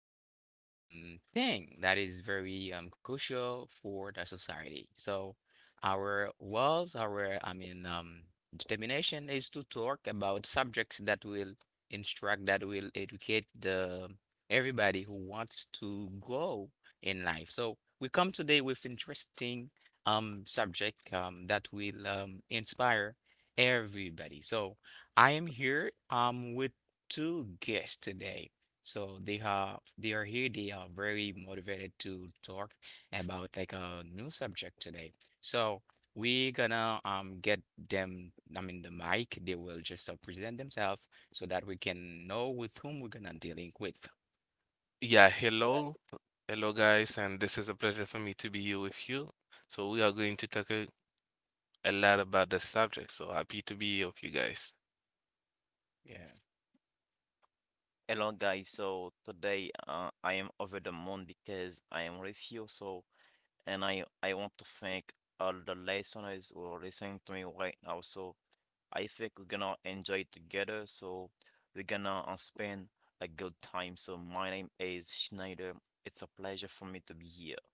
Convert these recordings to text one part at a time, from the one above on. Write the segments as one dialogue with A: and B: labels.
A: about something that is very crucial for the society. So, our walls, our determination is to talk about subjects that will instruct, that will educate the everybody who wants to grow in life. So we come today with interesting subject that will inspire everybody. So I am here with two guests today. So they are here. They are very motivated to talk about like a new subject today. So we gonna get them. I mean the mic. They will just present themselves so that we can know with whom we're gonna dealing with.
B: Yeah,
A: Yeah.
B: hello. Hello, guys, and this is a pleasure for me to be here with you. So, we are going to talk a lot about the subject. So, happy to be here with you guys.
A: Yeah.
C: Hello guys, so today I am over the moon because I am with you. So, and I want to thank all the listeners who are listening to me right now. So I think we're gonna enjoy together. So we're gonna spend a good time. So my name is Schneider. It's a pleasure for me to be here.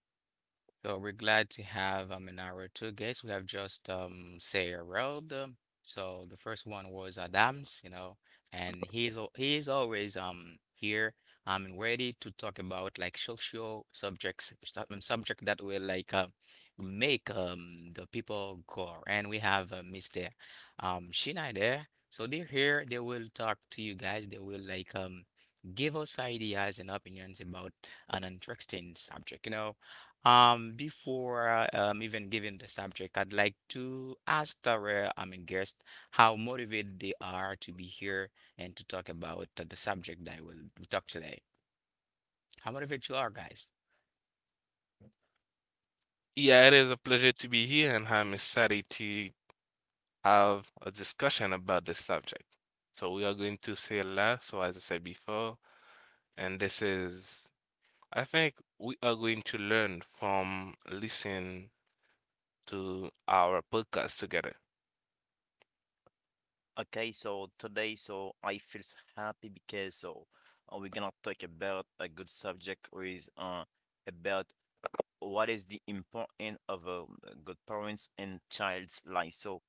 A: So we're glad to have in our two guests. We have just Sarah Road. So the first one was Adams, you know, and he is always here and ready to talk about like social subject that will like make the people go. And we have Mr. Shina there. So they're here. They will talk to you guys. They will like give us ideas and opinions about an interesting subject. You know. Before even giving the subject, I'd like to ask our guest how motivated they are to be here and to talk about the subject that we'll talk today. How motivated you are, guys?
B: Yeah, it is a pleasure to be here, and I'm excited to have a discussion about this subject. So we are going to say a lot, so as I said before, and this is, I think we are going to learn from listening to our podcast together.
C: Okay, so today, so I feel so happy because so we're gonna talk about a good subject, which is about what is the importance of a good parents in child's life. So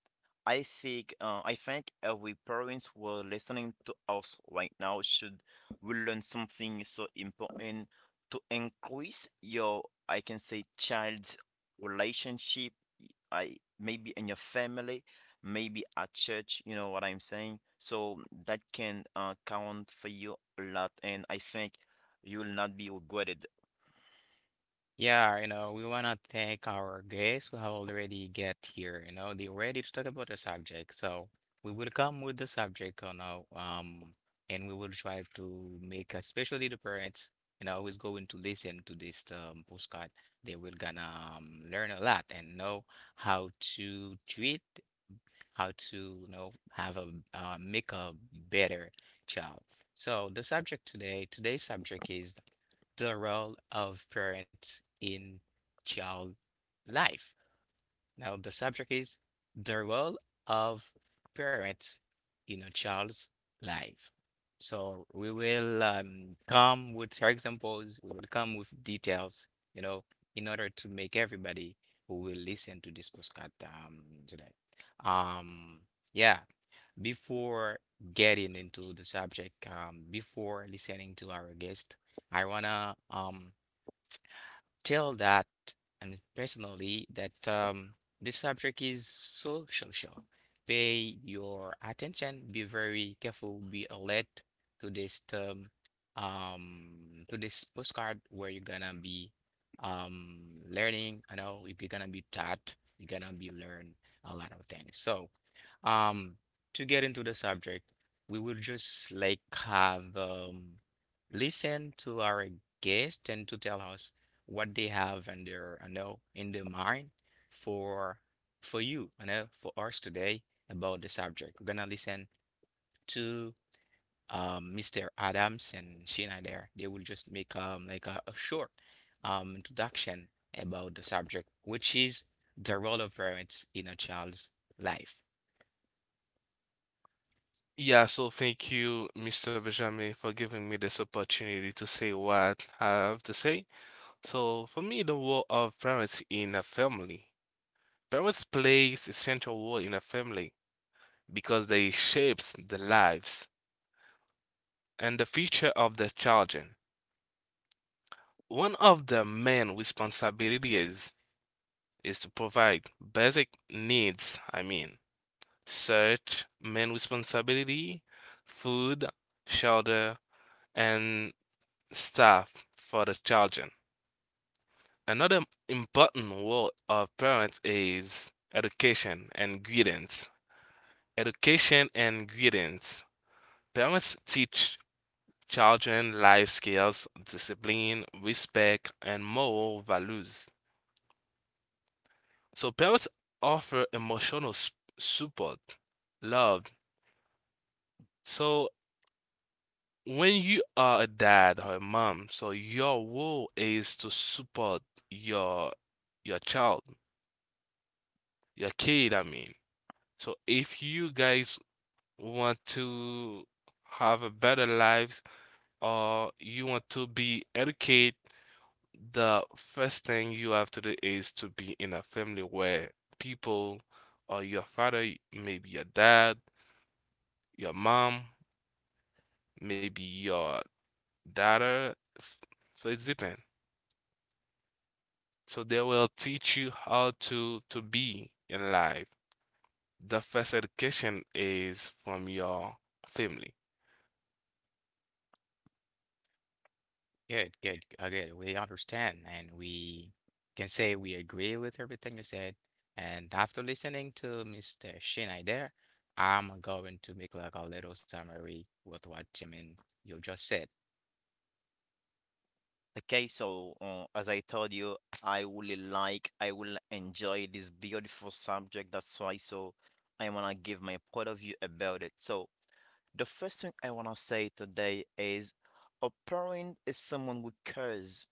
C: I think every parents who are listening to us right now should will learn something so important to increase your, I can say, child's relationship, I maybe in your family, maybe at church, you know what I'm saying, so that can count for you a lot, and I think you will not be regretted.
A: Yeah, you know, we want to thank our guests who have already get here. You know, they ready to talk about the subject. So we will come with the subject, you know, and we will try to make, especially the parents, you know, who's going to listen to this postcard, they will gonna learn a lot and know how to treat how to you know have a make a better child. So the subject today, today's subject is the role of parents in child life. Now the subject is the role of parents in a child's life. So we will come with examples, we will come with details, you know, in order to make everybody who will listen to this postcard today. Um, yeah, Before getting into the subject, before listening to our guest, I wanna tell that and personally that this subject is so social. Pay your attention, be very careful, be alert to this term, to this postcard where you're gonna be learning. I know if you're gonna be taught, you're gonna be learn a lot of things. So um, to get into the subject, we will just like have listen to our guest and to tell us what they have in their, I know, in their mind for you, I know, for us today about the subject. We're gonna listen to Mr. Adams and Sheena there. They will just make like a short introduction about the subject, which is the role of parents in a child's life.
B: Yeah, so thank you, Mr. Benjamin, for giving me this opportunity to say what I have to say. So for me, the role of parents in a family. Parents plays a central role in a family because they shapes the lives and the future of the children. One of the main responsibilities is to provide basic needs, I mean, such main responsibility, food, shelter, and stuff for the children. Another important role of parents is education and guidance. Education and guidance. Parents teach children life skills, discipline, respect, and moral values. So parents offer support, love. So when you are a dad or a mom, so your role is to support your your child, your kid, I mean. So if you guys want to have a better life or you want to be educated, the first thing you have to do is to be in a family where people or your father, maybe your dad, your mom, maybe your daughter. s- So it's depends. So they will teach you how to be in life. The first education is from your family.
A: Good, good. We understand and we can say we agree with everything you said. And after listening to Mr. Shinai there, I'm going to make like a little summary with what you just said.
C: Okay, so as I told you, I really like, I will enjoy this beautiful subject. That's why, so I wanna give my point of view about it. So the first thing I wanna say today is a parent is someone who cares,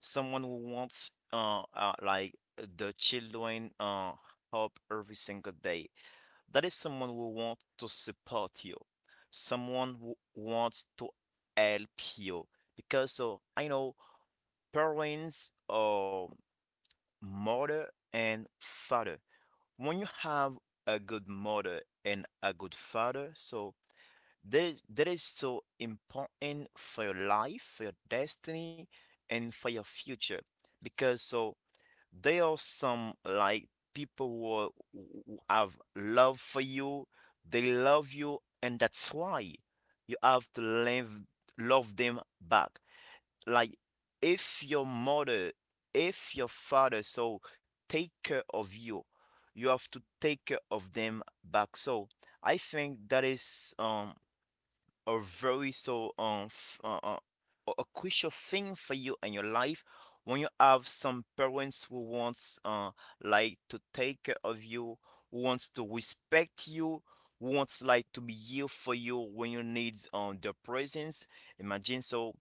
C: someone who wants like the children help every single day. That is someone who wants to support you, someone who wants to help you, because so I know parents, or mother and father. When you have a good mother and a good father, so that is so important for your life, for your destiny, and for your future. Because so there are some like people who have love for you, they love you, and that's why you have to live, love them back, like if your mother, if your father, so take care of you, you have to take care of them back. So I think that is a very so a crucial thing for you in your life when you have some parents who wants like to take care of you, who wants to respect you, who wants like to be here for you when you need their presence. Imagine, so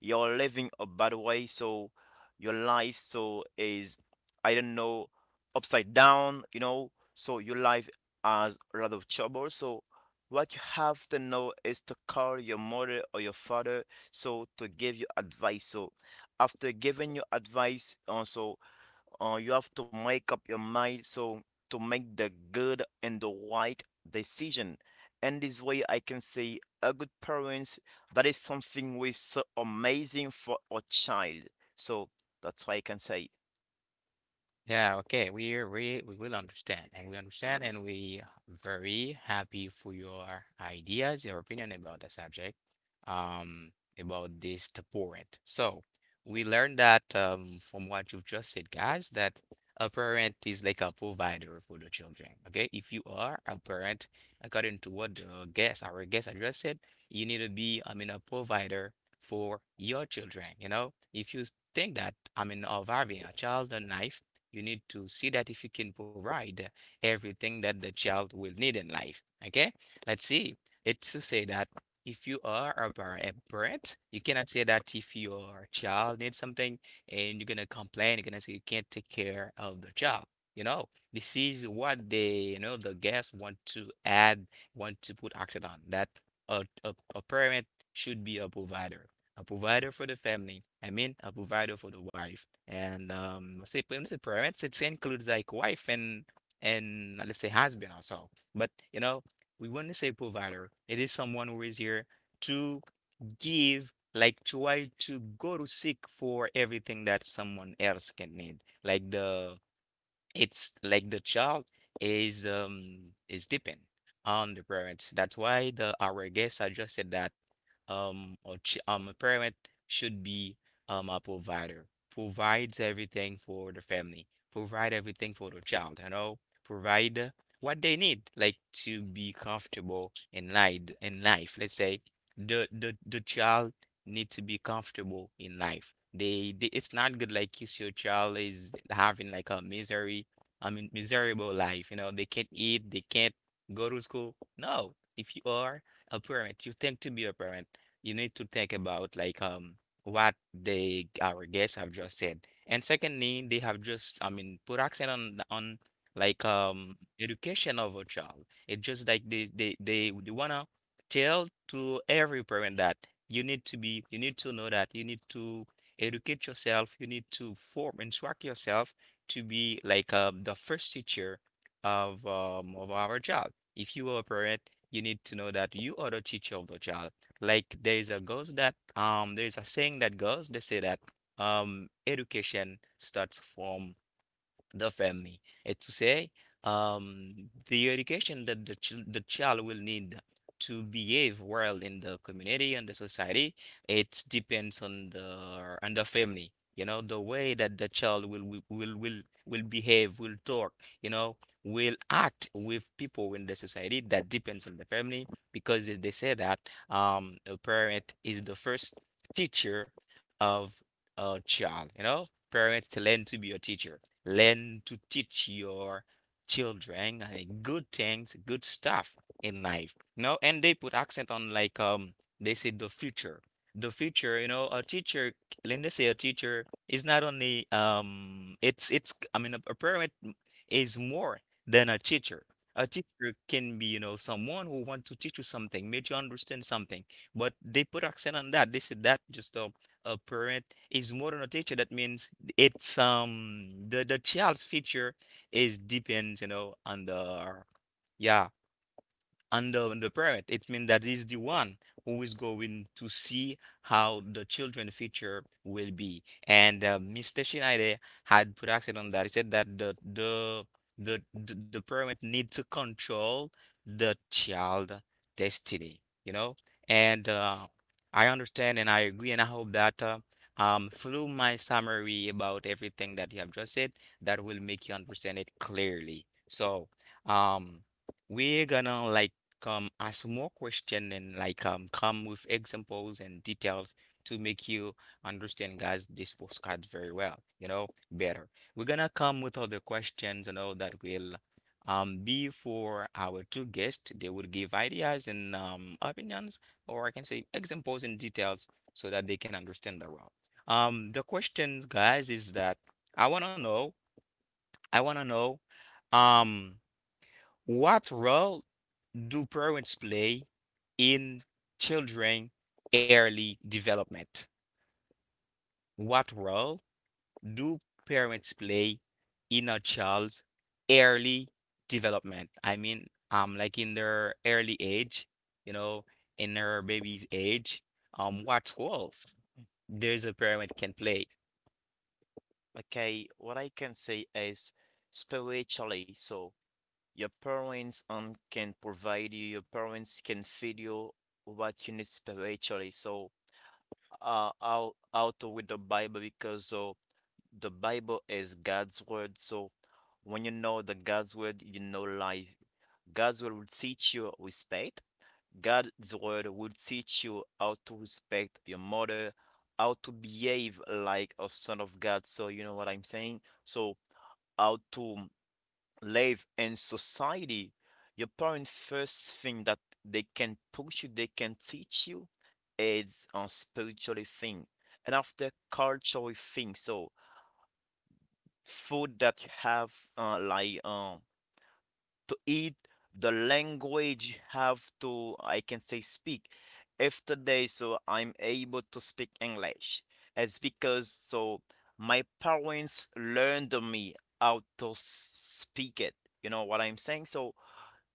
C: you're living a bad way, so your life so is, I don't know, upside down, so your life has a lot of trouble, so what you have to know is to call your mother or your father, so to give you advice. So after giving you advice, also you have to make up your mind so to make the good and the right decision. And this way I can say a good parents, that is something which is so amazing for a child. So that's why I can say.
A: Yeah, okay. We will understand and we very happy for your ideas, your opinion about the subject, about this parent. So we learned that from what you've just said, guys, that a parent is like a provider for the children. Okay, if you are a parent, according to what our guest had just said, you need to be, I mean, a provider for your children. You know, if you think that, I mean, of having a child, a knife you need to see that if you can provide everything that the child will need in life. Okay? Let's see. It's to say that if you are a parent, you cannot say that if your child needs something and you're gonna complain, you're gonna say you can't take care of the child. You know, this is what they, you know, the guests want to add, want to put accent on that a parent should be a provider for the family. I mean, a provider for the wife. And let's say, when you say parents, it includes like wife and let's say husband also. But you know, we want to say provider. It is someone who is here to give, like try to go to seek for everything that someone else can need, like the it's like the child is depend on the parents. That's why the our guest suggested that a parent should be a provider, provides everything for the family, provide everything for the child, you know, provide what they need, like to be comfortable in life. Let's say the child need to be comfortable in life they it's not good like you see your child is having like a misery I mean, miserable life. You know, they can't eat, they can't go to school. No, if you are a parent, you think to be a parent, you need to think about like what they our guests have just said. And secondly, they have just I mean put accent on like education of a child. It's just like they wanna tell to every parent that you need to be you need to know that you need to educate yourself, you need to form instruct yourself to be like the first teacher of our child. If you are a parent, you need to know that you are the teacher of the child. Like there is a saying that goes they say that education starts from the family. It's to say, the education that the child will need to behave well in the community and the society, it depends on the family. You know, the way that the child will will behave, will talk, you know, will act with people in the society, that depends on the family because they say that a parent is the first teacher of a child, you know. Parents learn to be a teacher learn to teach your children like good things, good stuff in life. No, and they put accent on like they say the future. The future, you know, a teacher, let me say a teacher is not only it's I mean a parent is more than a teacher. A teacher can be, you know, someone who wants to teach you something, make you understand something. But they put accent on that. They said that a parent is more than a teacher. That means it's the child's future is depends, you know, on the yeah under the parent. It means that is the one who is going to see how the children future will be. And Mr. Schneider had put accent on that. He said that the parent need to control the child destiny, you know? And I understand and I agree and I hope that through my summary about everything that you have just said, that will make you understand it clearly. So, um, we're gonna like come ask more question and like come with examples and details to make you understand guys this postcard very well you know better we're gonna come with other questions you know that will be for our two guests they will give ideas and opinions or I can say examples and details so that they can understand the well the questions guys is that i want to know I want to know um what role do parents play in children early development? What role do parents play in a child's early development? I mean, like in their early age, you know, in their baby's age, what role? There's a pyramid can play.
C: Okay, what I can say is spiritually, so your parents can provide you. Your parents can feed you what you need spiritually. So out with the Bible, because the Bible is God's word. So when you know the God's word, you know life. God's word will teach you respect. God's word will teach you how to respect your mother, how to behave like a son of God. So you know what I'm saying? So how to live in society, your parents first thing that they can push you, they can teach you is a spiritual thing. And after cultural thing, so food that you have like to eat, the language you have to, I can say, speak. If today so I'm able to speak English, it's because so my parents learned me how to speak it. You know what I'm saying? So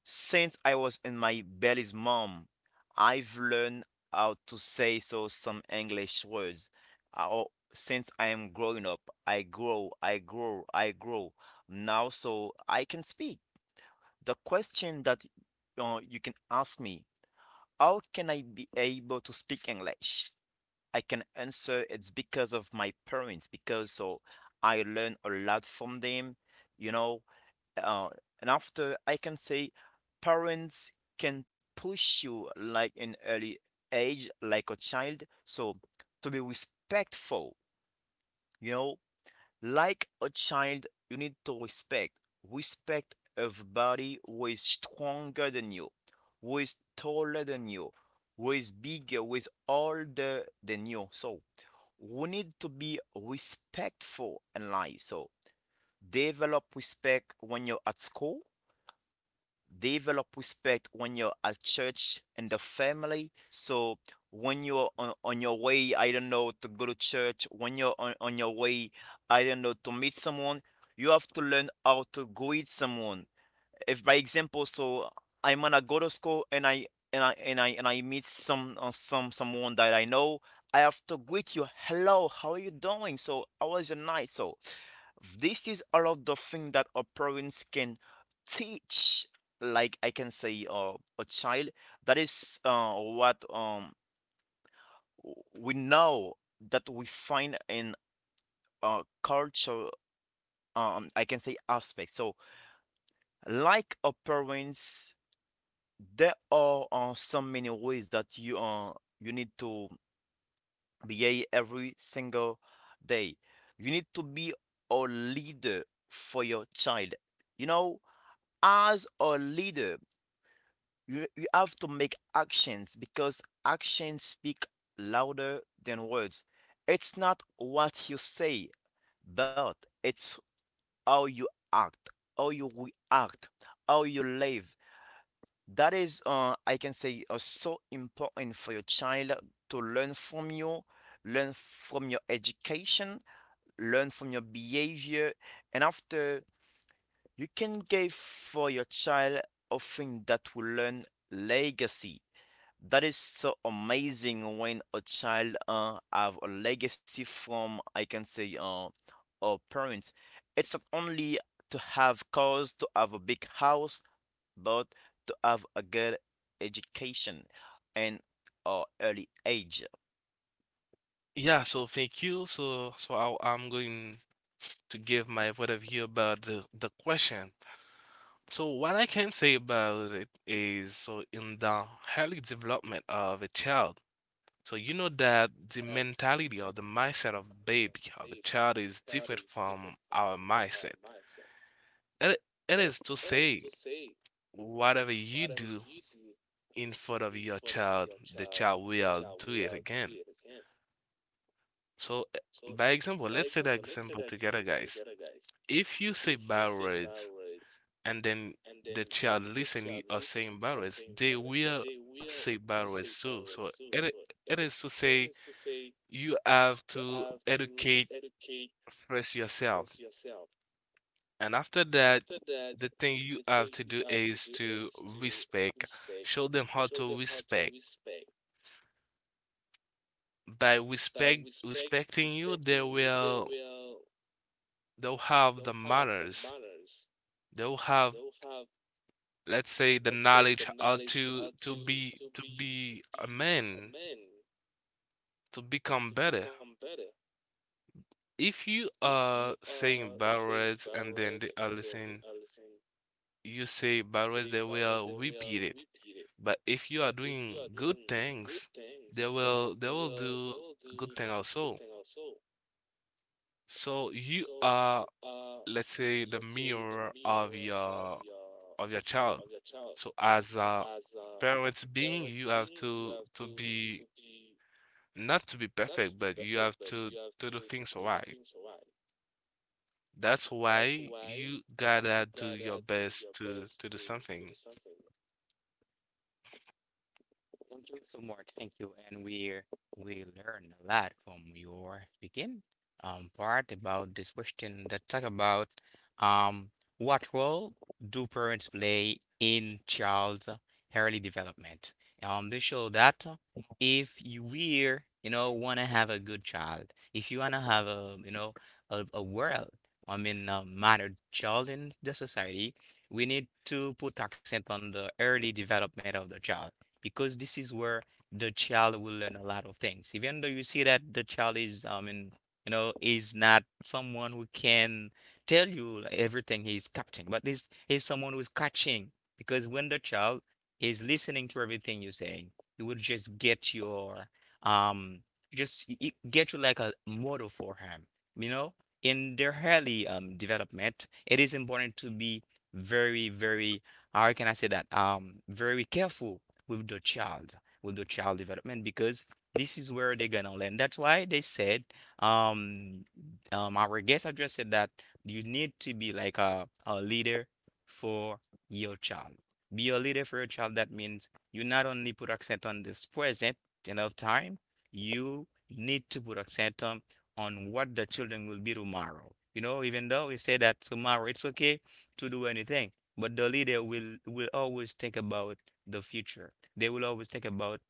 C: since I was in my belly's mom, I've learned how to say so some English words. Oh, since I am growing up, I grow. Now, so I can speak. The question that you can ask me, how can I be able to speak English? I can answer, it's because of my parents, because so I learn a lot from them. You know, uh, and after I can say parents can push you like in early age, like a child. So to be respectful, you know, like a child, you need to respect. Respect everybody who is stronger than you, who is taller than you, who is bigger, who is older than you. So we need to be respectful in life. So develop respect when you're at school, develop respect when you're at church and the family. So when you're on your way, I don't know, to go to church, when you're on your way, I don't know, to meet someone, you have to learn how to greet someone. If by example, so I'm gonna go to school, and I meet someone that I know, I have to greet you, hello, how are you doing, so how was your night. So this is all of the thing that our parents can teach, like I can say, a child. That is what we know that we find in culture, I can say aspect. So like our parents, there are so many ways that you need to behave every single day. You need to be a leader for your child. You know, as a leader, you have to make actions, because actions speak louder than words. It's not what you say, but it's how you act, how you react, how you live. That is, I can say, so important for your child to learn from you, learn from your education, learn from your behavior, and after you can give for your child a thing that will learn legacy. That is so amazing when a child have a legacy from, I can say, a parent. It's not only to have cars, to have a big house, but to have a good education and or early age.
B: Yeah, so thank you. So so I'm going to give my point of view about the question. So what I can say about it is so in the early development of a child, so you know that the mentality or the mindset of baby of a child is different from our mindset. It, it is to say whatever you do in front of your child, the child will do it again. So by example, let's say the example together, guys. If you say bad words and then the child listening are saying bad words, they will say bad words too. So it is to say you have to educate first yourself, and after that, the thing you have to do is to respect. Show them how to respect. By respecting you, they'll have the manners. They'll have, let's say, the knowledge how to be a man, to become better. If you are saying bad words and then they are listening, you say bad words, they will repeat it. But if you are doing good things, they will do good thing also. So you are, let's say, the mirror of your child. So as a parents being, you have to be, not to be perfect, but you have to do things right. That's why you gotta do your best to do something.
A: Thank you so much. Thank you. And we learn a lot from your speaking part about this question that talk about um what role do parents play in child's early development? They show that if you know wanna have a good child, if you wanna have a you know a world, I mean a mannered child in the society, we need to put accent on the early development of the child because this is where the child will learn a lot of things. Even though you see that the child is, I mean, is not someone who can tell you everything he's capturing, but is someone who's catching. Because when the child is listening to everything you're saying, he will just get your um just it get you like a model for him. You know, in their early development, it is important to be very, very, how can I say that? Very careful with the child, with the child development, because this is where they're gonna learn. That's why they said, um, our guest have said that you need to be like a leader for your child. Be a leader for your child. That means you not only put accent on this present, time, you need to put accent on what the children will be tomorrow. You know, even though we say that tomorrow it's okay to do anything, but the leader will always think about the future. They will always think about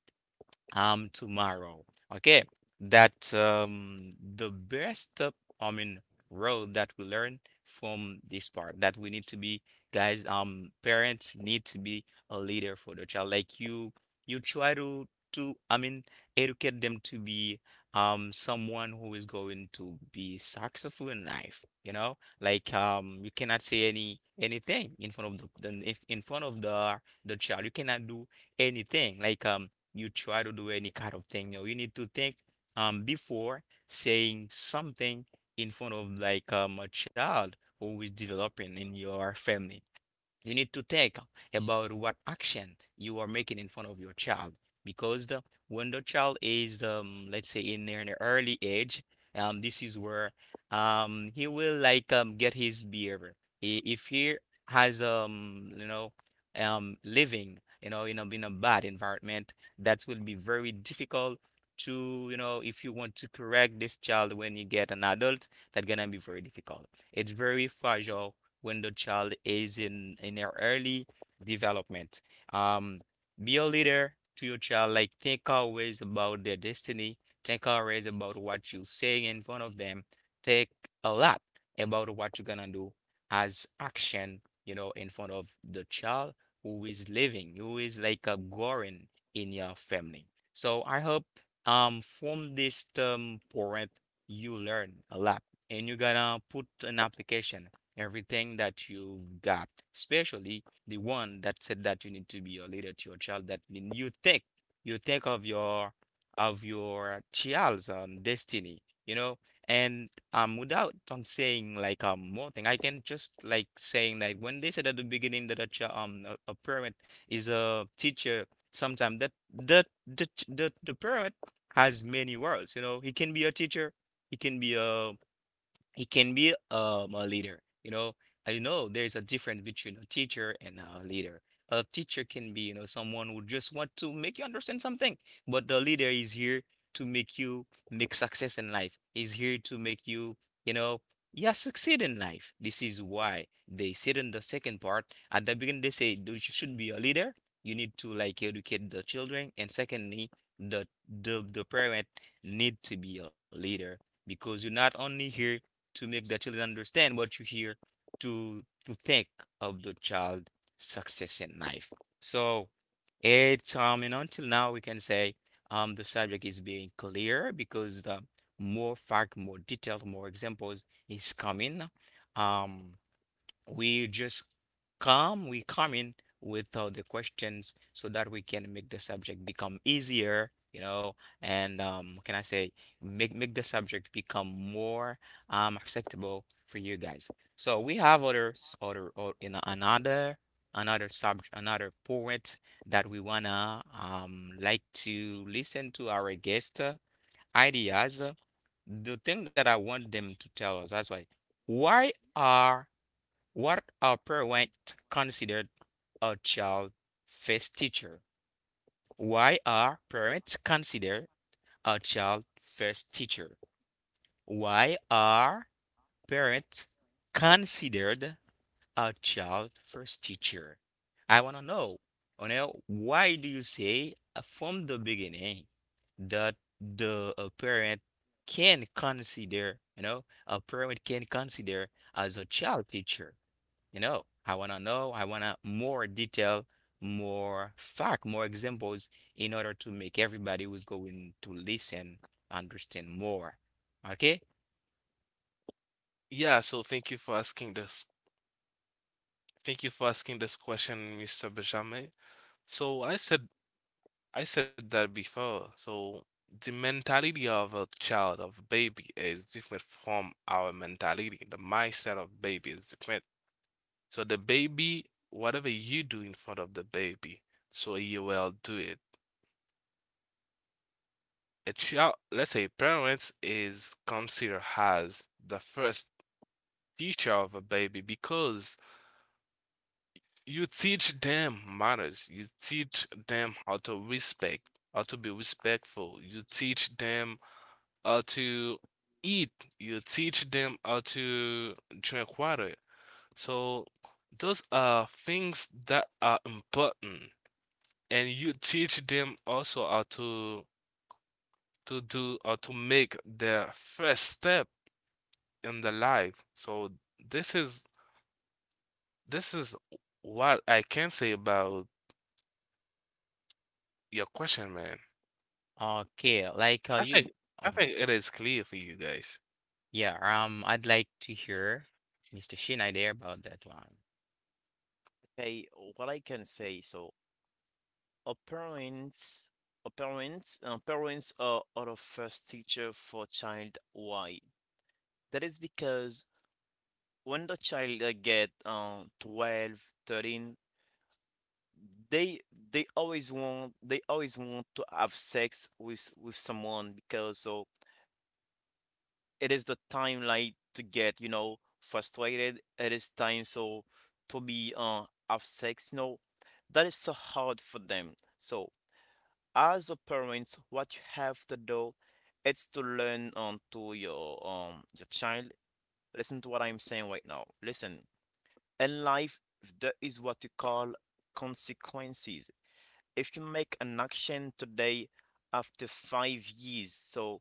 A: tomorrow. Okay, that the best, I mean, road that we learn from this part, that we need to be, guys, parents need to be a leader for the child. Like, you try to I mean educate them to be someone who is going to be successful in life, like, you cannot say anything in front of the child. You cannot do anything, like, you try to do any kind of thing. You need to think before saying something in front of, like, a child who is developing in your family. You need to think about what action you are making in front of your child, because the when the child is, let's say, in an early age, this is where, he will, like, get his behavior. If he has living, in a bad environment, that will be very difficult to, if you want to correct this child when you get an adult, that's gonna be very difficult. It's very fragile when the child is in their early development. Um, be a leader to your child. Like, think always about their destiny. Think always about what you say in front of them. Think a lot about what you're gonna do as action, in front of the child who is living, who is like a growing in your family. So I hope from this term, parent, you learn a lot and you're gonna put an application everything that you've got, especially the one that said that you need to be a leader to your child. That mean you think of your child's destiny. And without saying, like, more thing, I can just, like, saying, like, when they said at the beginning that a child, a parent, is a teacher. Sometimes that the parent has many roles, you know. He can be a teacher, he can be a leader. You know, I know there's a difference between a teacher and a leader. A teacher can be, someone who just want to make you understand something, but the leader is here to make you make success in life. Is here to make you, you know, yeah, succeed in life. This is why they said in the second part, at the beginning, they say you should be a leader. You need to, like, educate the children, and secondly, the parent need to be a leader because you're not only here to make the children understand what you hear, to think of the child success in life. So it's, and until now we can say, the subject is being clear because the more fact, more detail, more examples is coming. um we just we come in with all the questions so that we can make the subject become easier, and, can I say, make the subject become more acceptable for you guys. So we have other, or in another subject, another poet that we wanna, like, to listen to our guest, ideas. The thing that I want them to tell us, that's why are what are parents considered a child first teacher? Why are parents considered a child first teacher? Why are parents considered a child first teacher? I want to know. You know, why do you say, from the beginning that the a parent can consider, a parent can consider as a child teacher? You know, I want to know, I want to more detail, more fact, more examples in order to make everybody who's going to listen understand more. Okay?
B: Yeah, so thank you for asking this. Thank you for asking this question, Mr. Benjamin. So I said that before. So the mentality of a child, of baby, is different from our mentality. The mindset of baby is different. So the baby, whatever you do in front of the baby, so he will do it. A child, let's say parents is considered as the first teacher of a baby because you teach them manners, you teach them how to respect, how to be respectful, you teach them how to eat, you teach them how to drink water. So those are things that are important, and you teach them also how to do or to make their first step in the life. So this is this is what I can say about your question, man.
A: Okay, like,
B: I think I think it is clear for you guys.
A: yeah, I'd like to hear Mr. Shinai there about that one.
C: Okay, what I can say, so our parents, parents are our first teacher for child. Why? That is because when the child get 12, 13, they they always want to have sex with someone, because so it is the time like to get, frustrated, it is time so to be have sex, that is so hard for them. So as a parents, what you have to do, it's to learn, to your child, listen to what I'm saying right now. Listen, in life there is what you call consequences. If you make an action today, after 5 years, so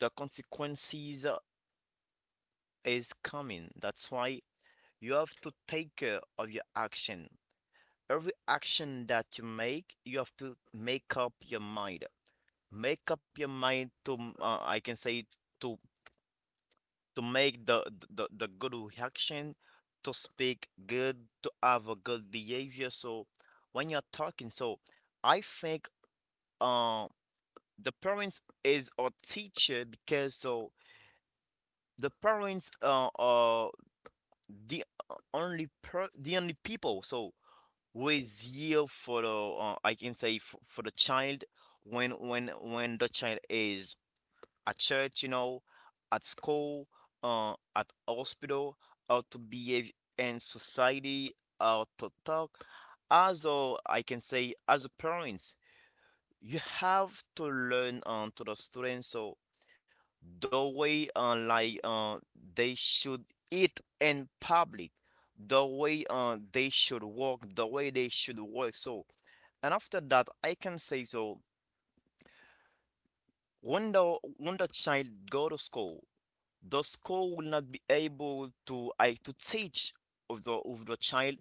C: the consequences is coming. That's why you have to take care of your action. Every action that you make, you have to make up your mind. Make up your mind to, I can say, to to make the good reaction, to speak good, to have a good behavior. So when you're talking, so I think uh the parents is a teacher, because so the parents are the the only people. So was year for the, I can say, for the child, when the child is at church, at school, at hospital, how to behave in society, how to talk. As a, I can say, as a parents, you have to learn, to the students, so the way like they should eat in public, the way they should walk, the way they should work. So and after that, I can say, so when the child go to school, the school will not be able to teach of the child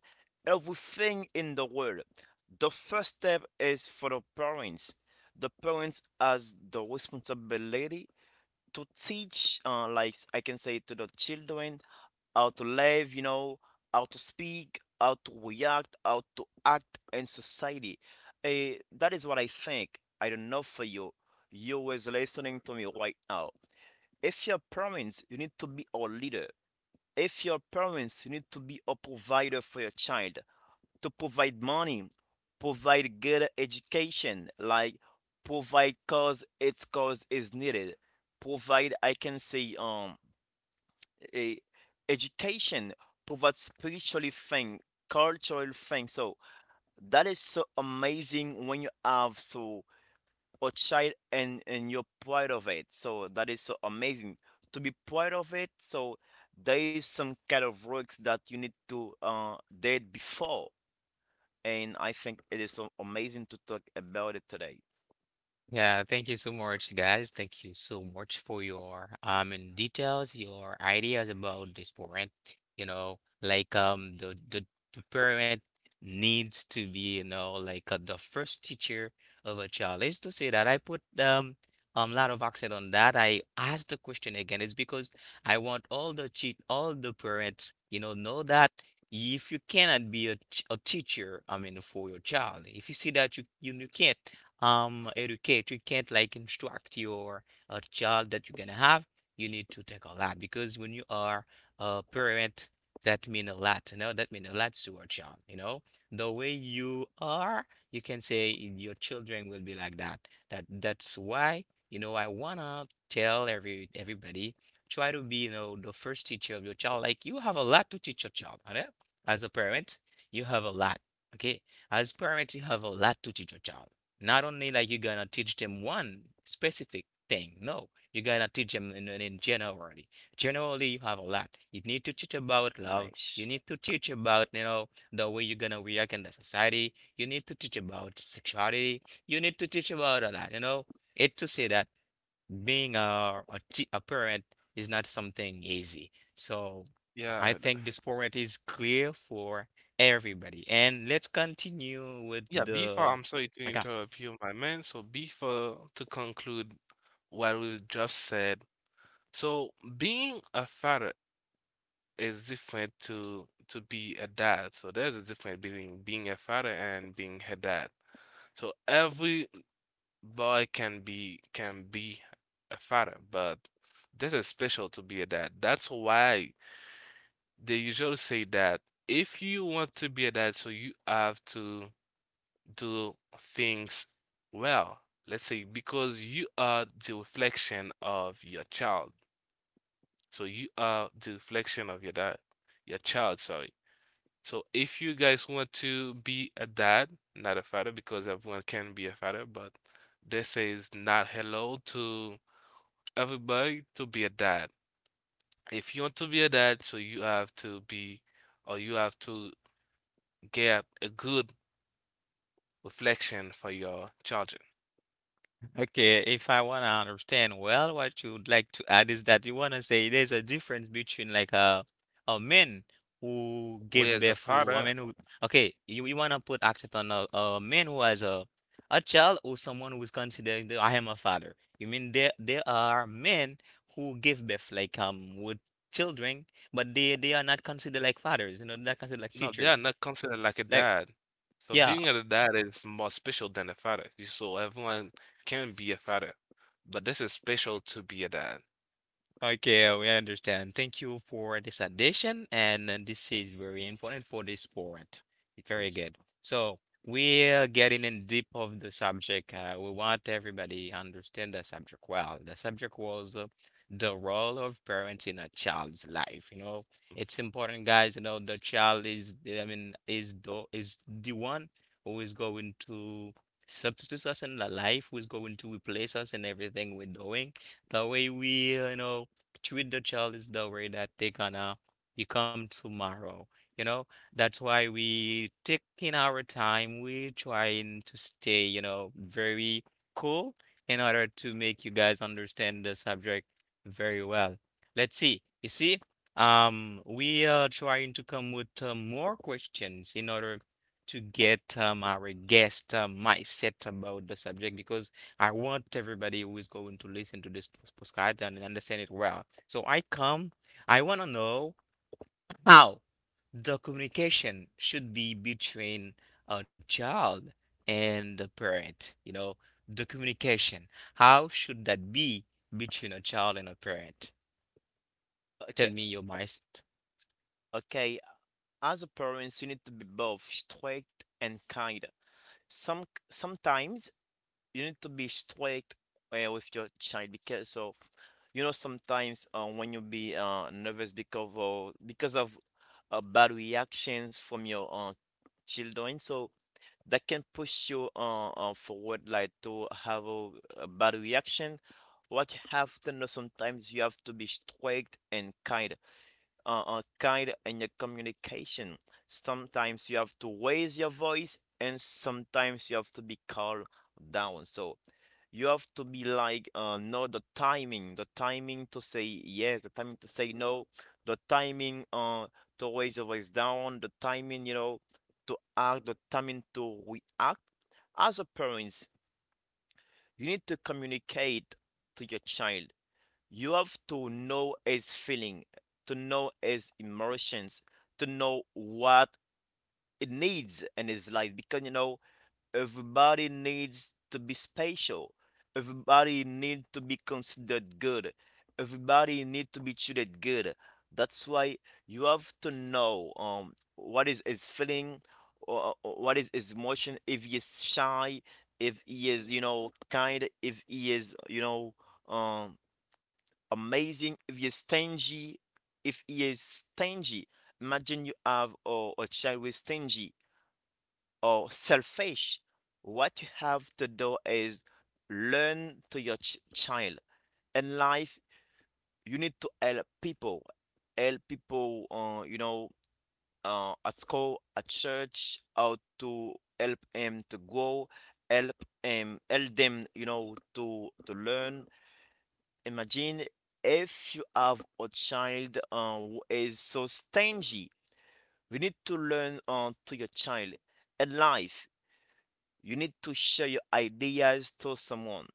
C: everything in the world. The first step is for the parents. The parents has the responsibility to teach, like I can say, to the children how to live, how to speak, how to react, how to act in society. That is what I think. I don't know for you. You is listening to me right now. If your parents, you need to be a leader. If your parents, you need to be a provider for your child, to provide money, provide good education, like provide cause its cause is needed. Provide, I can say, a education, provide spiritually thing, cultural thing. So that is so amazing when you have so a child, and you're proud of it. So that is so amazing to be proud of it. So there is some kind of works that you need to did before, and I think it is so amazing to talk about it today.
A: Yeah, thank you so much, guys. Thank you so much for your, in details, your ideas about this parent. You know, like, the parent needs to be, you know, like, the first teacher of a child. Is to say that I put, a lot of accent on that. I asked the question again. It's because I want all the parents, know that if you cannot be a teacher, I mean, for your child, if you see that you can't, educate, you can't, like, instruct your, child that you're gonna have, you need to take a lot. Because when you are a parent, that mean a lot, you know, that mean a lot to our child, you know, the way you are, you can say your children will be like that. That's why, you know, I wanna tell everybody try to be, the first teacher of your child. Like, you have a lot to teach your child, you know? As a parent, you have a lot. Okay, as parent, you have a lot to teach your child, not only, like, you're gonna teach them one specific thing. No, you're gonna teach them in generally. Generally, you have a lot. You need to teach about love. You
C: Nice.
A: need to teach about, the way you're gonna react in the society. You need to teach about sexuality. You need to teach about a lot, you know. It's to say that being a parent is not something easy. So I
B: Yeah,
A: think this point is clear for everybody. And let's continue with
B: yeah. Before,
A: the.
B: I'm sorry to
A: Okay.
B: interrupt you, my man. So before to conclude what we just said. So being a father is different to be a dad. So there's a difference between being a father and being a dad. So every boy can be a father, but this is special to be a dad. That's why they usually say that if you want to be a dancer, you have to do things well. Let's say because you are the reflection of your child. So you are the reflection of your dad, your child, sorry. So if you guys want to be a dad, not a father, because everyone can be a father, but this says not hello to everybody to be a dad. If you want to be a dad, so you have to be or you have to get a good reflection for your children.
A: Okay, if I want to understand well, what you would like to add is that you want to say there's a difference between, like, a man who give
B: Whereas a
A: birth, who I
B: father,
A: mean who, okay, you want to put accent on a man who has a child, or someone who is considered, I am a father. You mean there are men who give birth, like, with children, but they are not considered like fathers, you know, they're considered like
B: no, they are
A: teachers.
B: not considered like a
A: Like,
B: dad. So
A: yeah,
B: being a dad is more special than a father. So everyone can be a father, but this is special to be a dad.
A: okay, we understand. Thank you for this addition, and, this is very important for this sport. Very
C: Patient.
A: good. So we're getting in deep of the subject. We want everybody understand the subject well. The subject was, the role of parents in a child's life. You know, it's important, guys. You know, the child is, I mean, is the one who is going to substitute us in the life, who is going to replace us in everything we're doing. The way we, treat the child is the way that they gonna become tomorrow. You know, that's why we taking our time. We trying to stay, very cool in order to make you guys understand the subject very well. Let's see. You see, we are trying to come with, more questions in order to get, our guest, mindset about the subject because I want everybody who is going to listen to this postcard and understand it well. So I want to know how the communication should be between a child and the parent. You know, the communication. How should that be between a child and a parent? Tell me your mindset.
C: Okay, as a parents, you need to be both strict and kind. Some sometimes you need to be strict with your child because of you know sometimes when you be nervous because of bad reactions from your children, so that can push you forward like to have a bad reaction. What you have to know, sometimes you have to be strict and kind, kind in your communication. Sometimes you have to raise your voice and sometimes you have to be calm down. So you have to be like know the timing to say yes, the timing to say no, the timing to raise your voice down, the timing, you know, to act, the timing to react. As a parents, you need to communicate to your child. You have to know his feeling, to know his emotions, to know what it needs in his life because you know everybody needs to be special. Everybody needs to be considered good. Everybody needs to be treated good. That's why you have to know what is his feeling or what is his emotion, if he is shy, if he is, you know, kind, if he is, you know, um amazing. If you're stingy, if you're stingy, imagine you have or a child with stingy or selfish. What you have to do is learn to your child. In life, you need to help people, help people. You know, at school, at church, how to help him to grow, help him, help them. You know, to learn. Imagine if you have a child who is so stingy. You need to learn to your child. In life, you need to share your ideas to someone.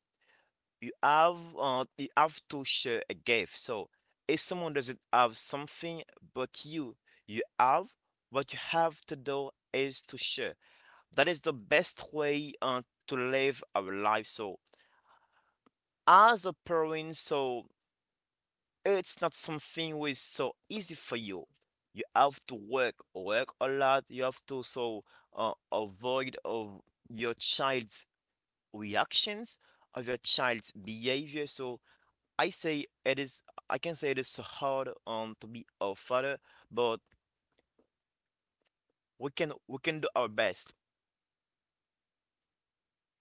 C: You have to share a gift. So if someone doesn't have something but you have, what you have to do is to share. That is the best way to live our life. So as a parent, so it's not something which is so easy for you. You have to work, work a lot. You have to, so avoid of your child's reactions, of your child's behavior. So I say it is. I can say it is so hard to be a father, but we can do our best.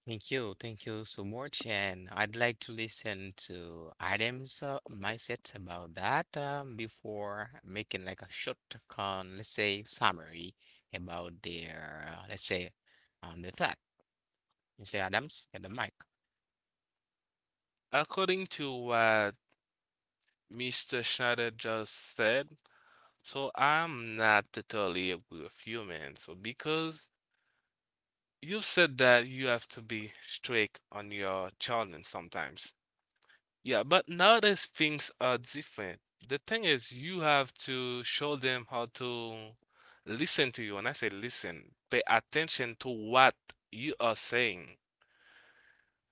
A: Thank you so much. And I'd like to listen to Adam's, mindset about that, before making like a short, let's say, summary about their, let's say, the thought. Mr. Adams, get the mic.
B: According to what Mr. Schneider just said, so I'm not totally agree with you, man. So because you said that you have to be strict on your children sometimes. Yeah, but nowadays things are different. The thing is, you have to show them how to listen to you. When I say listen, pay attention to what you are saying.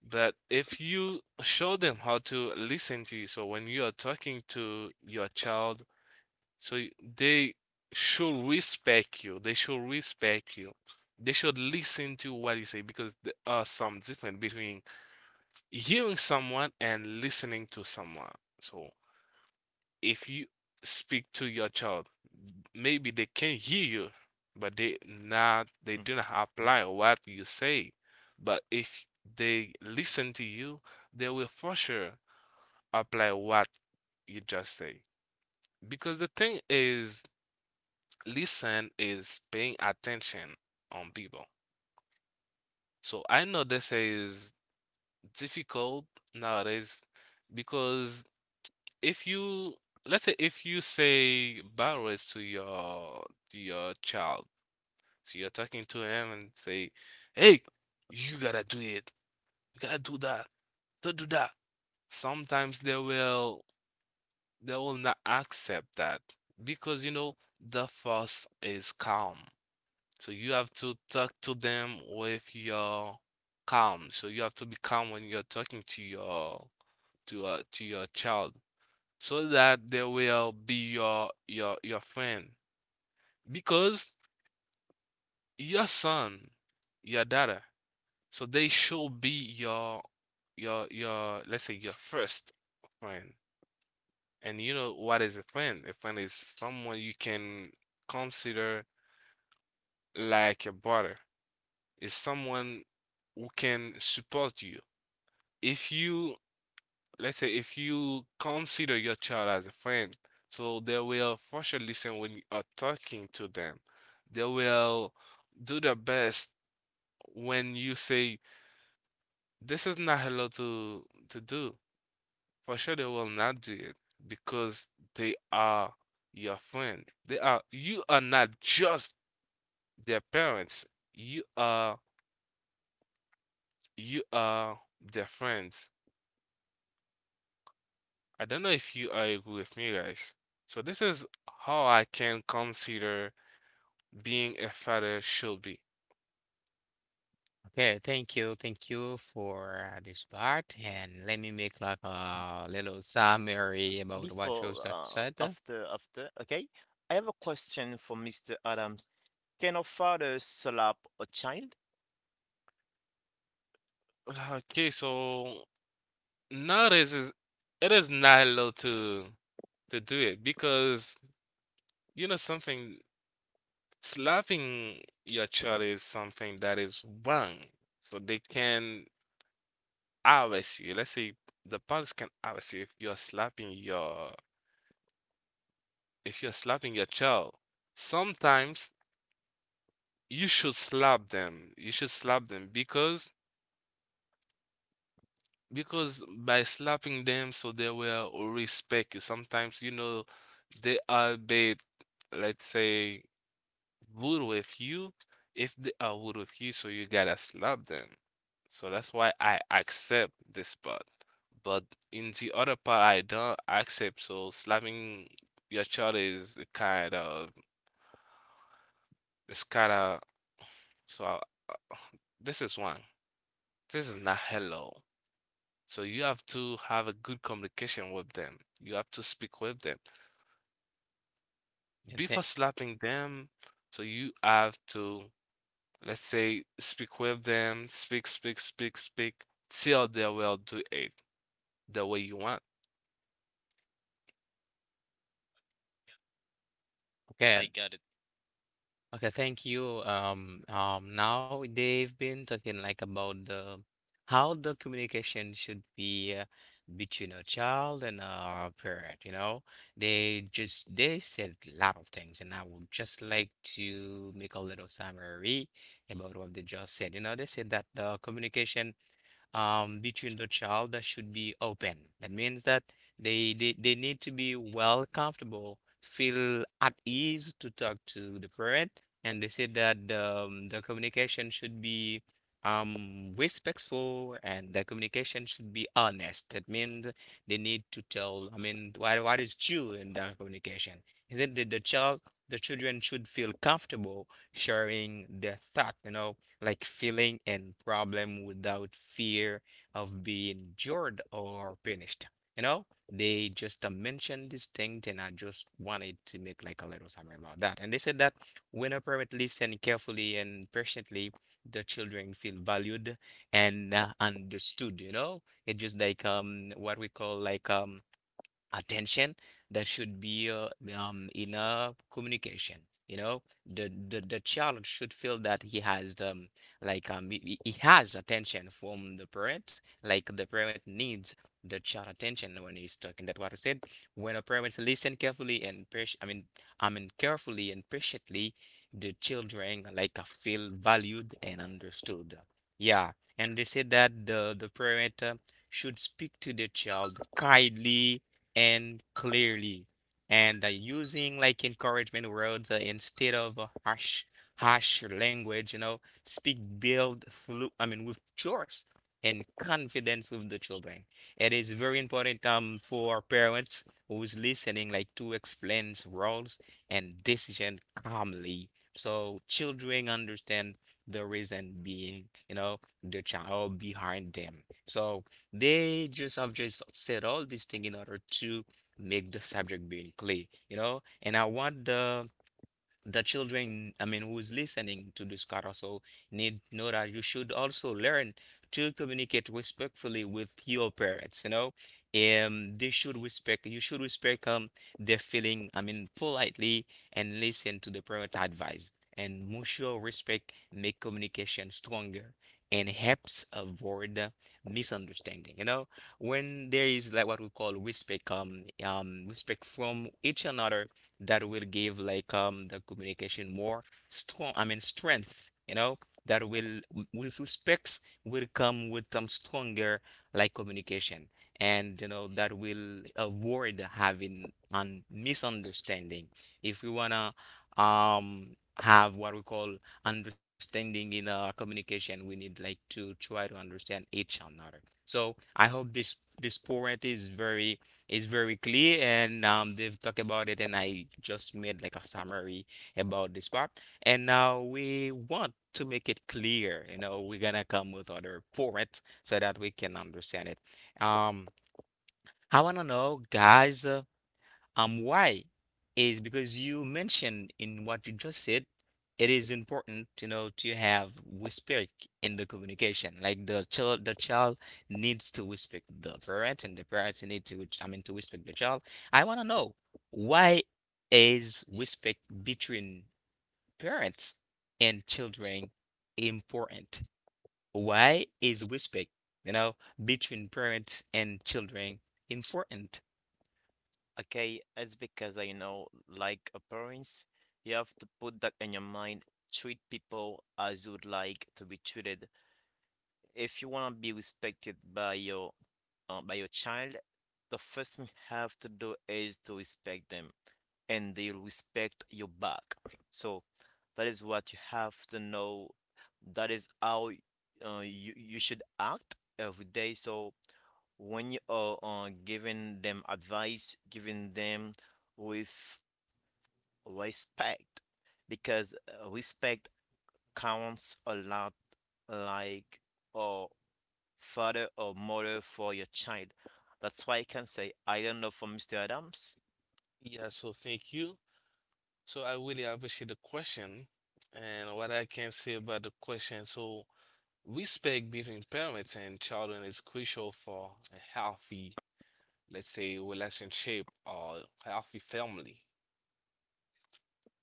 B: But if you show them how to listen to you, so when you are talking to your child, so they should respect you. They should respect you. They should listen to what you say because there are some difference between hearing someone and listening to someone. So, if you speak to your child, maybe they can hear you, but they
C: Hmm.
B: do not apply what you say. But if they listen to you, they will for sure apply what you just say. Because the thing is, listen is paying attention on people. So I know this is difficult nowadays because if you, let's say if you say bad words to your child, so you're talking to him and say, "Hey, you gotta do it. You gotta do that. Don't do that." Sometimes they will not accept that because you know the force is calm. So you have to talk to them with your calm. So you have to be calm when you're talking to your child so that they will be your friend, because your son, your daughter, so they should be your, let's say, your first friend. And you know what is a friend? A friend is someone you can consider like a brother, is someone who can support you. If you, let's say if you consider your child as a friend, so they will for sure listen when you are talking to them. They will do their best when you say this is not allowed to do. For sure they will not do it because they are your friend. They are You are not just their parents. You are you are their friends. I don't know if you are agree with me, guys. So this is how I can consider being a father should be.
A: Okay, thank you for, this part, and let me make like a little summary about what you
C: Before,
A: just said.
C: after, after, okay? I have a question for Mr. Adams. Can a father slap a child?
B: Okay, so nowadays is, it is not allowed to do it, because you know something, slapping your child is something that is wrong. So they can arrest you. Let's say the police can arrest you if you're slapping your child. Sometimes you should slap them. You should slap them because by slapping them, so they will respect you. Sometimes, you know, they are a bit, let's say, rude with you. If they are rude with you, so you gotta slap them. So that's why I accept this part. But in the other part, I don't accept. So slapping your child is kind of, it's kind of, so I, this is one. This is not hello. So you have to have a good communication with them. You have to speak with them.
A: Yeah,
B: Before slapping them, so you have to, let's say, speak with them, speak, speak, speak, speak, till they will do it the way you want.
C: I
A: okay,
C: got it.
A: okay, thank you. Now they've been talking, like, about the how the communication should be, between a child and a parent, you know. They said a lot of things, and I would just like to make a little summary about what they just said. You know, they said that the communication between the child that should be open. That means that they need to be well comfortable, feel at ease to talk to the parent, and they said that the communication should be respectful and the communication should be honest. That means they need to tell, I mean, what is true in their communication. Is it that the child, the children should feel comfortable sharing their thought, you know, like feeling and problem without fear of being judged or punished. You know, they just mentioned this thing, and I just wanted to make like a little summary about that. And they said that when a parent listen carefully and patiently, the children feel valued and understood. You know, it just like what we call like attention. There should be in communication, you know, the child should feel that he has the like he has attention from the parent like the parent needs the child attention when he's talking, that what I said, when a parent listen carefully and patient, I mean I mean carefully and patiently, the children like feel valued and understood, yeah. And they said that the parent should speak to the child kindly and clearly and using like encouragement words instead of harsh language, you know, speak build through I mean with choice and confidence with the children. It is very important for parents who's listening like to explain roles and decision calmly so children understand the reason being, you know, the child behind them. So they just have just said all these things in order to make the subject being clear, you know. And I want the children, I mean, who is listening to this car also need know that you should also learn to communicate respectfully with your parents, you know. They should respect, you should respect their feeling, I mean, politely and listen to the parent advice. And mutual respect make communication stronger and helps avoid misunderstanding. You know, when there is like what we call respect, respect from each another, that will give like the communication more strong, I mean strength, you know, that will, with respects will come with some stronger like communication, and you know that will avoid having an misunderstanding. If we wanna have what we call understanding in our communication, we need like to try to understand each another. So I hope this this point is very, it's very clear, and they've talked about it, and I just made like a summary about this part. And now we want to make it clear, you know, we're gonna come with other formats so that we can understand it. Um, I wanna know, guys. Why? Is because you mentioned in what you just said, it is important, you know, to have respect in the communication. Like the child needs to respect the parent, and the parent need to, I mean, to respect the child. I want to know why is respect between parents and children important? Why is respect, you know, between parents and children important?
C: Okay, it's because I know, like appearance. You have to put that in your mind. Treat people as you'd like to be treated. If you want to be respected by your child, the first thing you have to do is to respect them and they'll respect you back. So that is what you have to know. That is how you should act every day. So when you are giving them advice, giving them with respect, because respect counts a lot, like uh, father or mother for your child. That's why I can say, I don't know for Mr. Adams.
B: Yeah, so thank you. So I really appreciate the question and what I can say about the question. So respect between parents and children is crucial for a healthy, let's say, relationship or healthy family.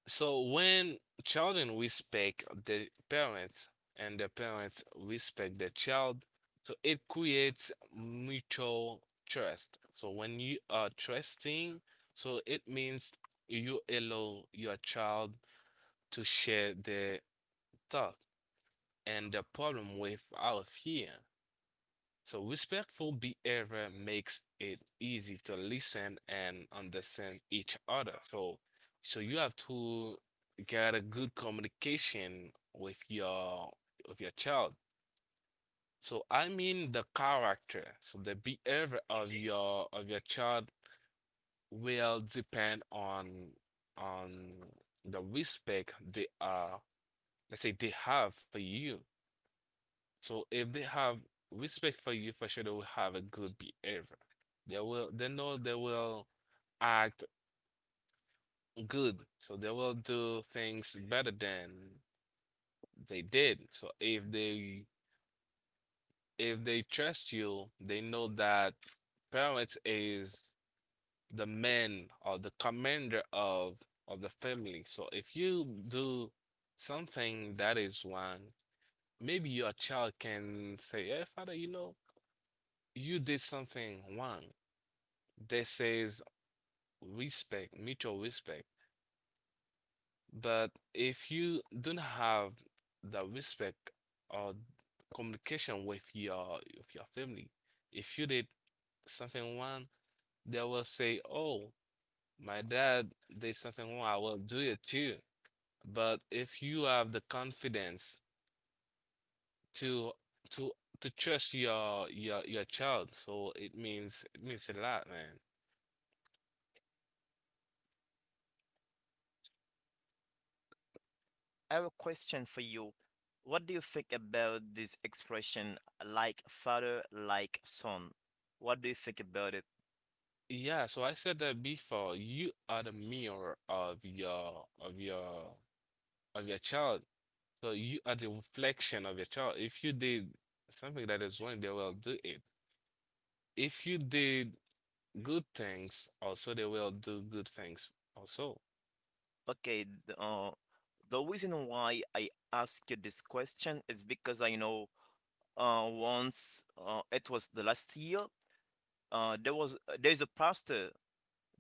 B: So when children respect their parents and the parents respect the child, so it creates mutual trust. So when you are trusting, so it means you allow your child to share their thought and the problem without fear. So respectful behavior makes it easy to listen and understand each other. So you have to get a good communication with your child. So I mean the character. So the behavior of your child will depend on on the respect they are, let's say they have for you. So if they have respect for you, for sure they will have a good behavior. They know they will act good, so they will do things better than they did. So if they trust you, they know that parents is the man or the commander of the family. So if you do something that is wrong, maybe your child can say, "Hey, father, you know, you did something wrong." They says respect, mutual respect. But if you don't have the respect or communication with your family, if you did something wrong, they will say, "Oh, my dad did something wrong. I will do it too." But if you have the confidence to to to trust your child, so it means, it means a lot, man.
C: I have a question for you. What do you think about this expression, like father, like son? What do you think about it?
B: Yeah, so I said that before. You are the mirror of your child. So you are the reflection of your child. If you did something that is wrong, they will do it. If you did good things, also they will do good things also.
C: Okay, the reason why I ask you this question is because I know once, it was the last year, there's a pastor.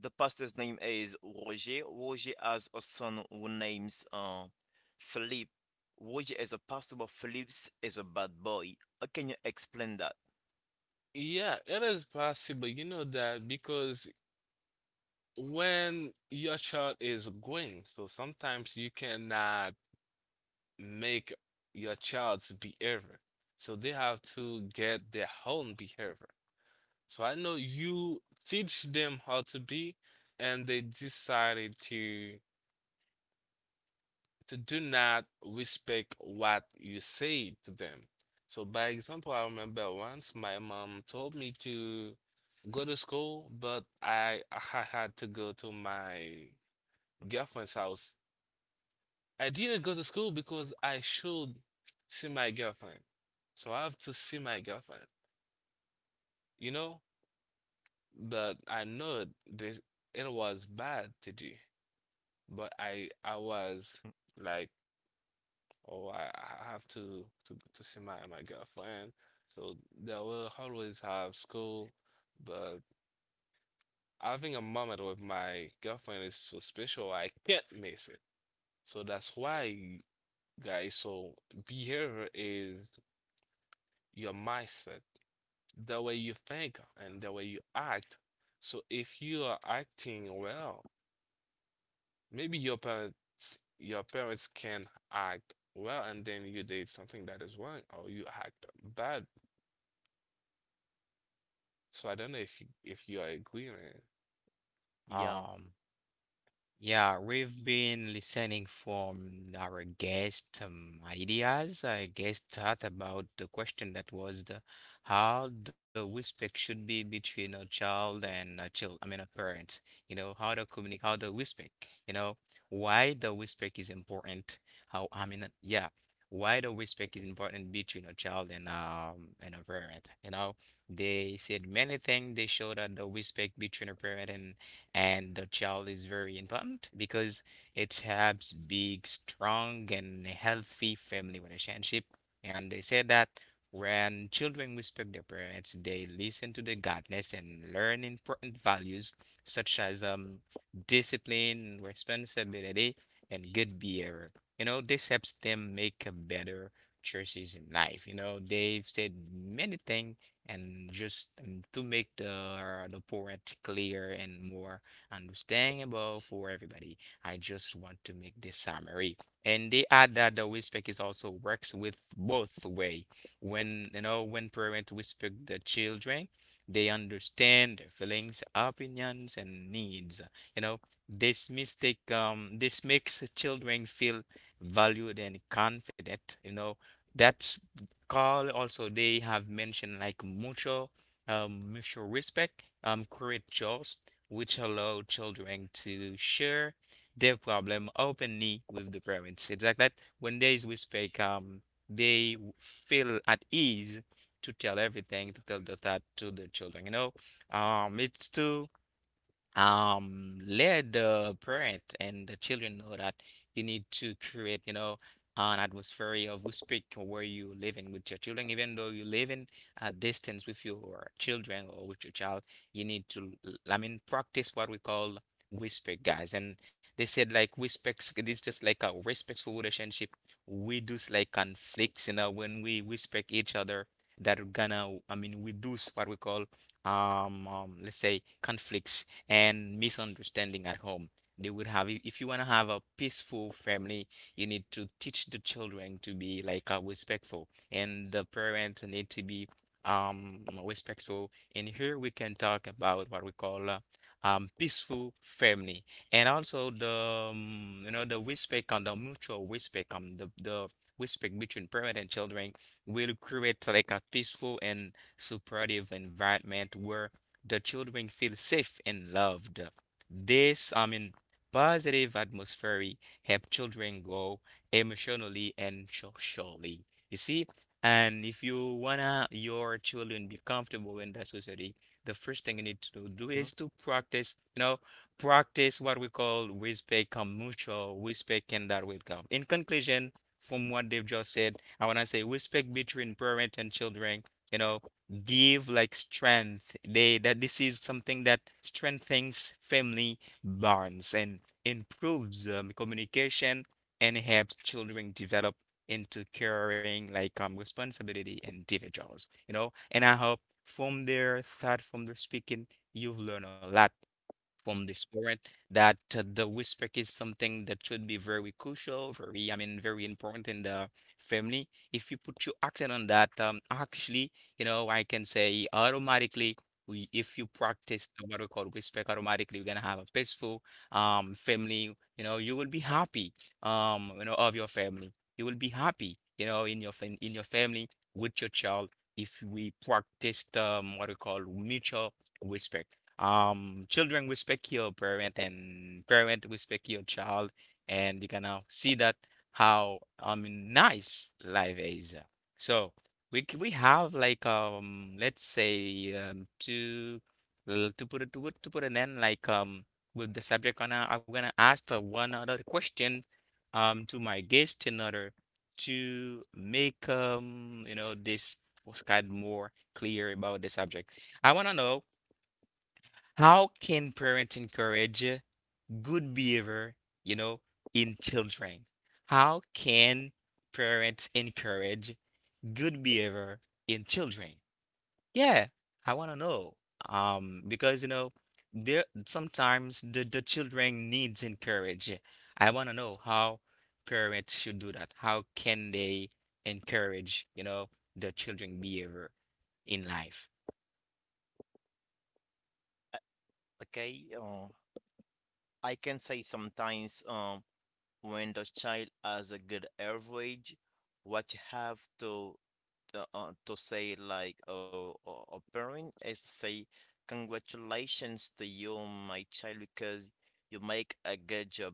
C: The pastor's name is Roger. Roger has a son who names Philippe. Roger is a pastor, but Philippe is a bad boy. How can you explain that?
B: Yeah, it is possible. You know that because when your child is growing, so sometimes you cannot make your child's behavior. So they have to get their own behavior. So I know you teach them how to be, and they decided to do not respect what you say to them. So by example, I remember once my mom told me to go to school, but I had to go to my girlfriend's house. I didn't go to school because I should see my girlfriend. So I have to see my girlfriend, you know? But I know this, it was bad to do. But I was like, oh, I have to see my girlfriend. So they will always have school, but having a moment with my girlfriend is so special. I can't miss it. So that's why, guys. So behavior is your mindset, the way you think and the way you act. So if you are acting well. Maybe your parents can act well and then you did something that is wrong or you act bad. So I don't know if you are agreeing.
C: Yeah.
A: Um, Yeah, we've been listening from our guest ideas. I guess thought about the question that was the how the respect should be between a child and a child, I mean a parent. You know how the communicate, how the respect. You know why the respect is important. How I mean, yeah, why the respect is important between a child and a parent. You know, they said many things. They showed that the respect between a parent and the child is very important because it helps big strong and healthy family relationship, and they said that when children respect their parents, they listen to the guidance and learn important values such as discipline, responsibility, and good behavior. You know, this helps them make a better choices in life. You know, they've said many things, and just to make the parent clear and more understandable for everybody. I just want to make this summary. And they add that the whisper is also works with both way. When you know when parents whisper the children, they understand their feelings, opinions, and needs. You know, this mistake this makes children feel valued and confident. You know, that's call, also they have mentioned like mutual mutual respect create trust which allow children to share their problem openly with the parents. It's like that when there is respect, they w- feel at ease to tell everything, to tell the thought to the children. You know, it's to let the parent and the children know that you need to create, you know, an atmosphere of respect where you living with your children, even though you live in a distance with your children or with your child. You need to l- I mean practice what we call respect, guys. And they said like respects, it is just like a respectful relationship. We do like conflicts, you know, when we respect each other, that are gonna I mean we do what we call let's say conflicts and misunderstanding at home. They would have, if you want to have a peaceful family, you need to teach the children to be like respectful, and the parents need to be respectful. And here we can talk about what we call peaceful family, and also the you know, the respect and the mutual respect, the respect between parent and children will create like a peaceful and supportive environment where the children feel safe and loved. This, I mean, positive atmosphere help children grow emotionally and socially. You see, and if you wanna your children be comfortable in that society, the first thing you need to do
C: Hmm?
A: is to practice, you know, practice what we call respect and mutual respect, and that will come. In conclusion, from what they've just said, I wanna say respect between parent and children, you know, give like strength. They that this is something that strengthens family bonds and improves communication and helps children develop into caring like responsibility individuals, you know. And I hope from their thought, from their speaking, you've learned a lot from the spirit that the whisper is something that should be very crucial, very, I mean, very important in the family. If you put your action on that, actually, you know, I can say automatically, we, if you practice what we call whisper, automatically, you're gonna have a peaceful family. You know, you will be happy, you know, of your family. You will be happy, you know, in your fam in your family with your child. If we practiced what we call mutual respect. Children respect your parent and parent respect your child, and you can now see that how I mean nice life is. So we c- we have like um, let's say to l- to put it to put an end like with the subject on I'm gonna ask the one other question to my guest in order to make um, you know, this was kind more clear about the subject. I want to know how can parents encourage good behavior, you know, in children? How can parents encourage good behavior in children? Yeah, I want to know. Because you know, there sometimes the children needs encourage. I want to know how parents should do that. How can they encourage, you know, the children behavior in life?
C: I- Okay. I can say sometimes, when the child has a good average, what you have to, to say like a parent is say congratulations to you my child because you make a good job,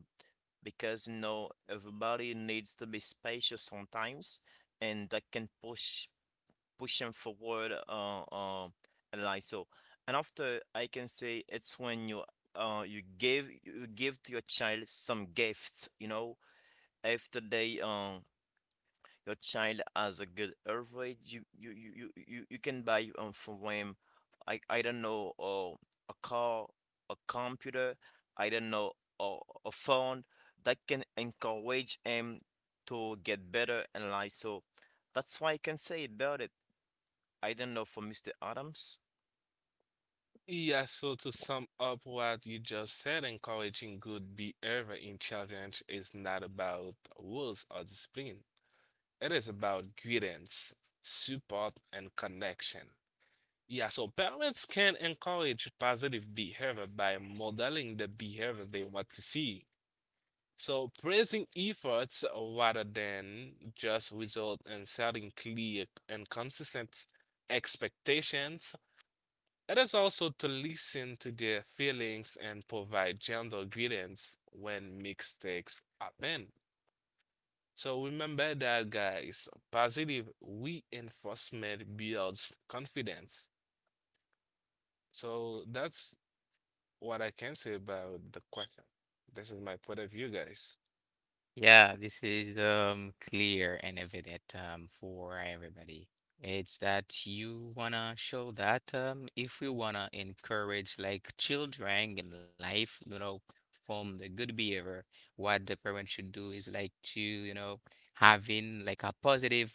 C: because you know everybody needs to be special sometimes, and that can push them forward and like. So, and after, I can say it's when you you give to your child some gifts, you know, after they your child has a good health rate, you can buy from him, I don't know, a car, a computer, I don't know, a, a phone that can encourage him to get better in life. So that's why I can say about it. I don't know for Mr. Adams.
B: Yeah, so to sum up what you just said, encouraging good behavior in children is not about rules or discipline. It is about guidance, support, and connection. Yeah, so parents can encourage positive behavior by modeling the behavior they want to see. So praising efforts rather than just result and setting clear and consistent expectations. It is also to listen to their feelings and provide gentle guidance when mistakes happen. So remember that, guys, positive reinforcement builds confidence. So that's what I can say about the question. This is my point of view, guys.
A: Yeah, this is clear and evident for everybody. It's that you wanna show that if we wanna encourage like children in life, you know, from the good behavior, what the parent should do is like to, you know, having like a positive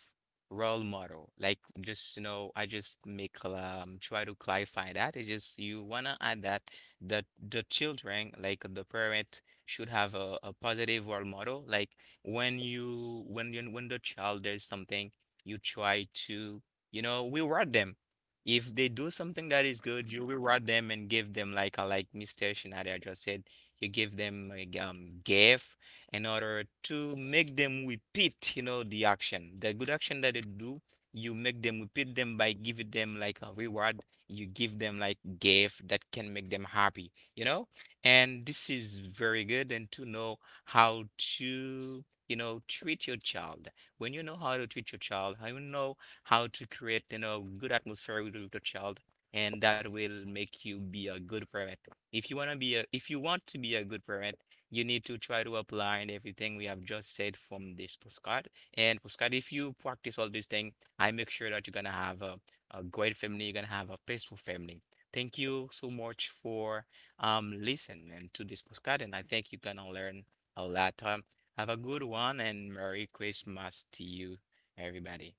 A: role model. Like just, you know, I just make try to clarify that. It's just you wanna add that the children, like the parent should have a positive role model. Like when you when you when the child does something, you try to, you know, reward them. If they do something that is good, you reward them and give them like Mr. Shinaria just said, you give them like gift in order to make them repeat, you know, the action. The good action that they do, you make them repeat them by giving them like a reward. You give them like gift that can make them happy, you know? And this is very good, and to know how to, you know, treat your child. When you know how to treat your child, how you know how to create, you know, good atmosphere with your child, and that will make you be a good parent. If you wanna be a, if you want to be a good parent, you need to try to apply and everything we have just said from this postcard. And postcard, if you practice all these things, I make sure that you're gonna have a great family, you're gonna have a peaceful family. Thank you so much for listen and to this podcast, and I think you're gonna learn a lot. Have a good one, and Merry Christmas to you, everybody.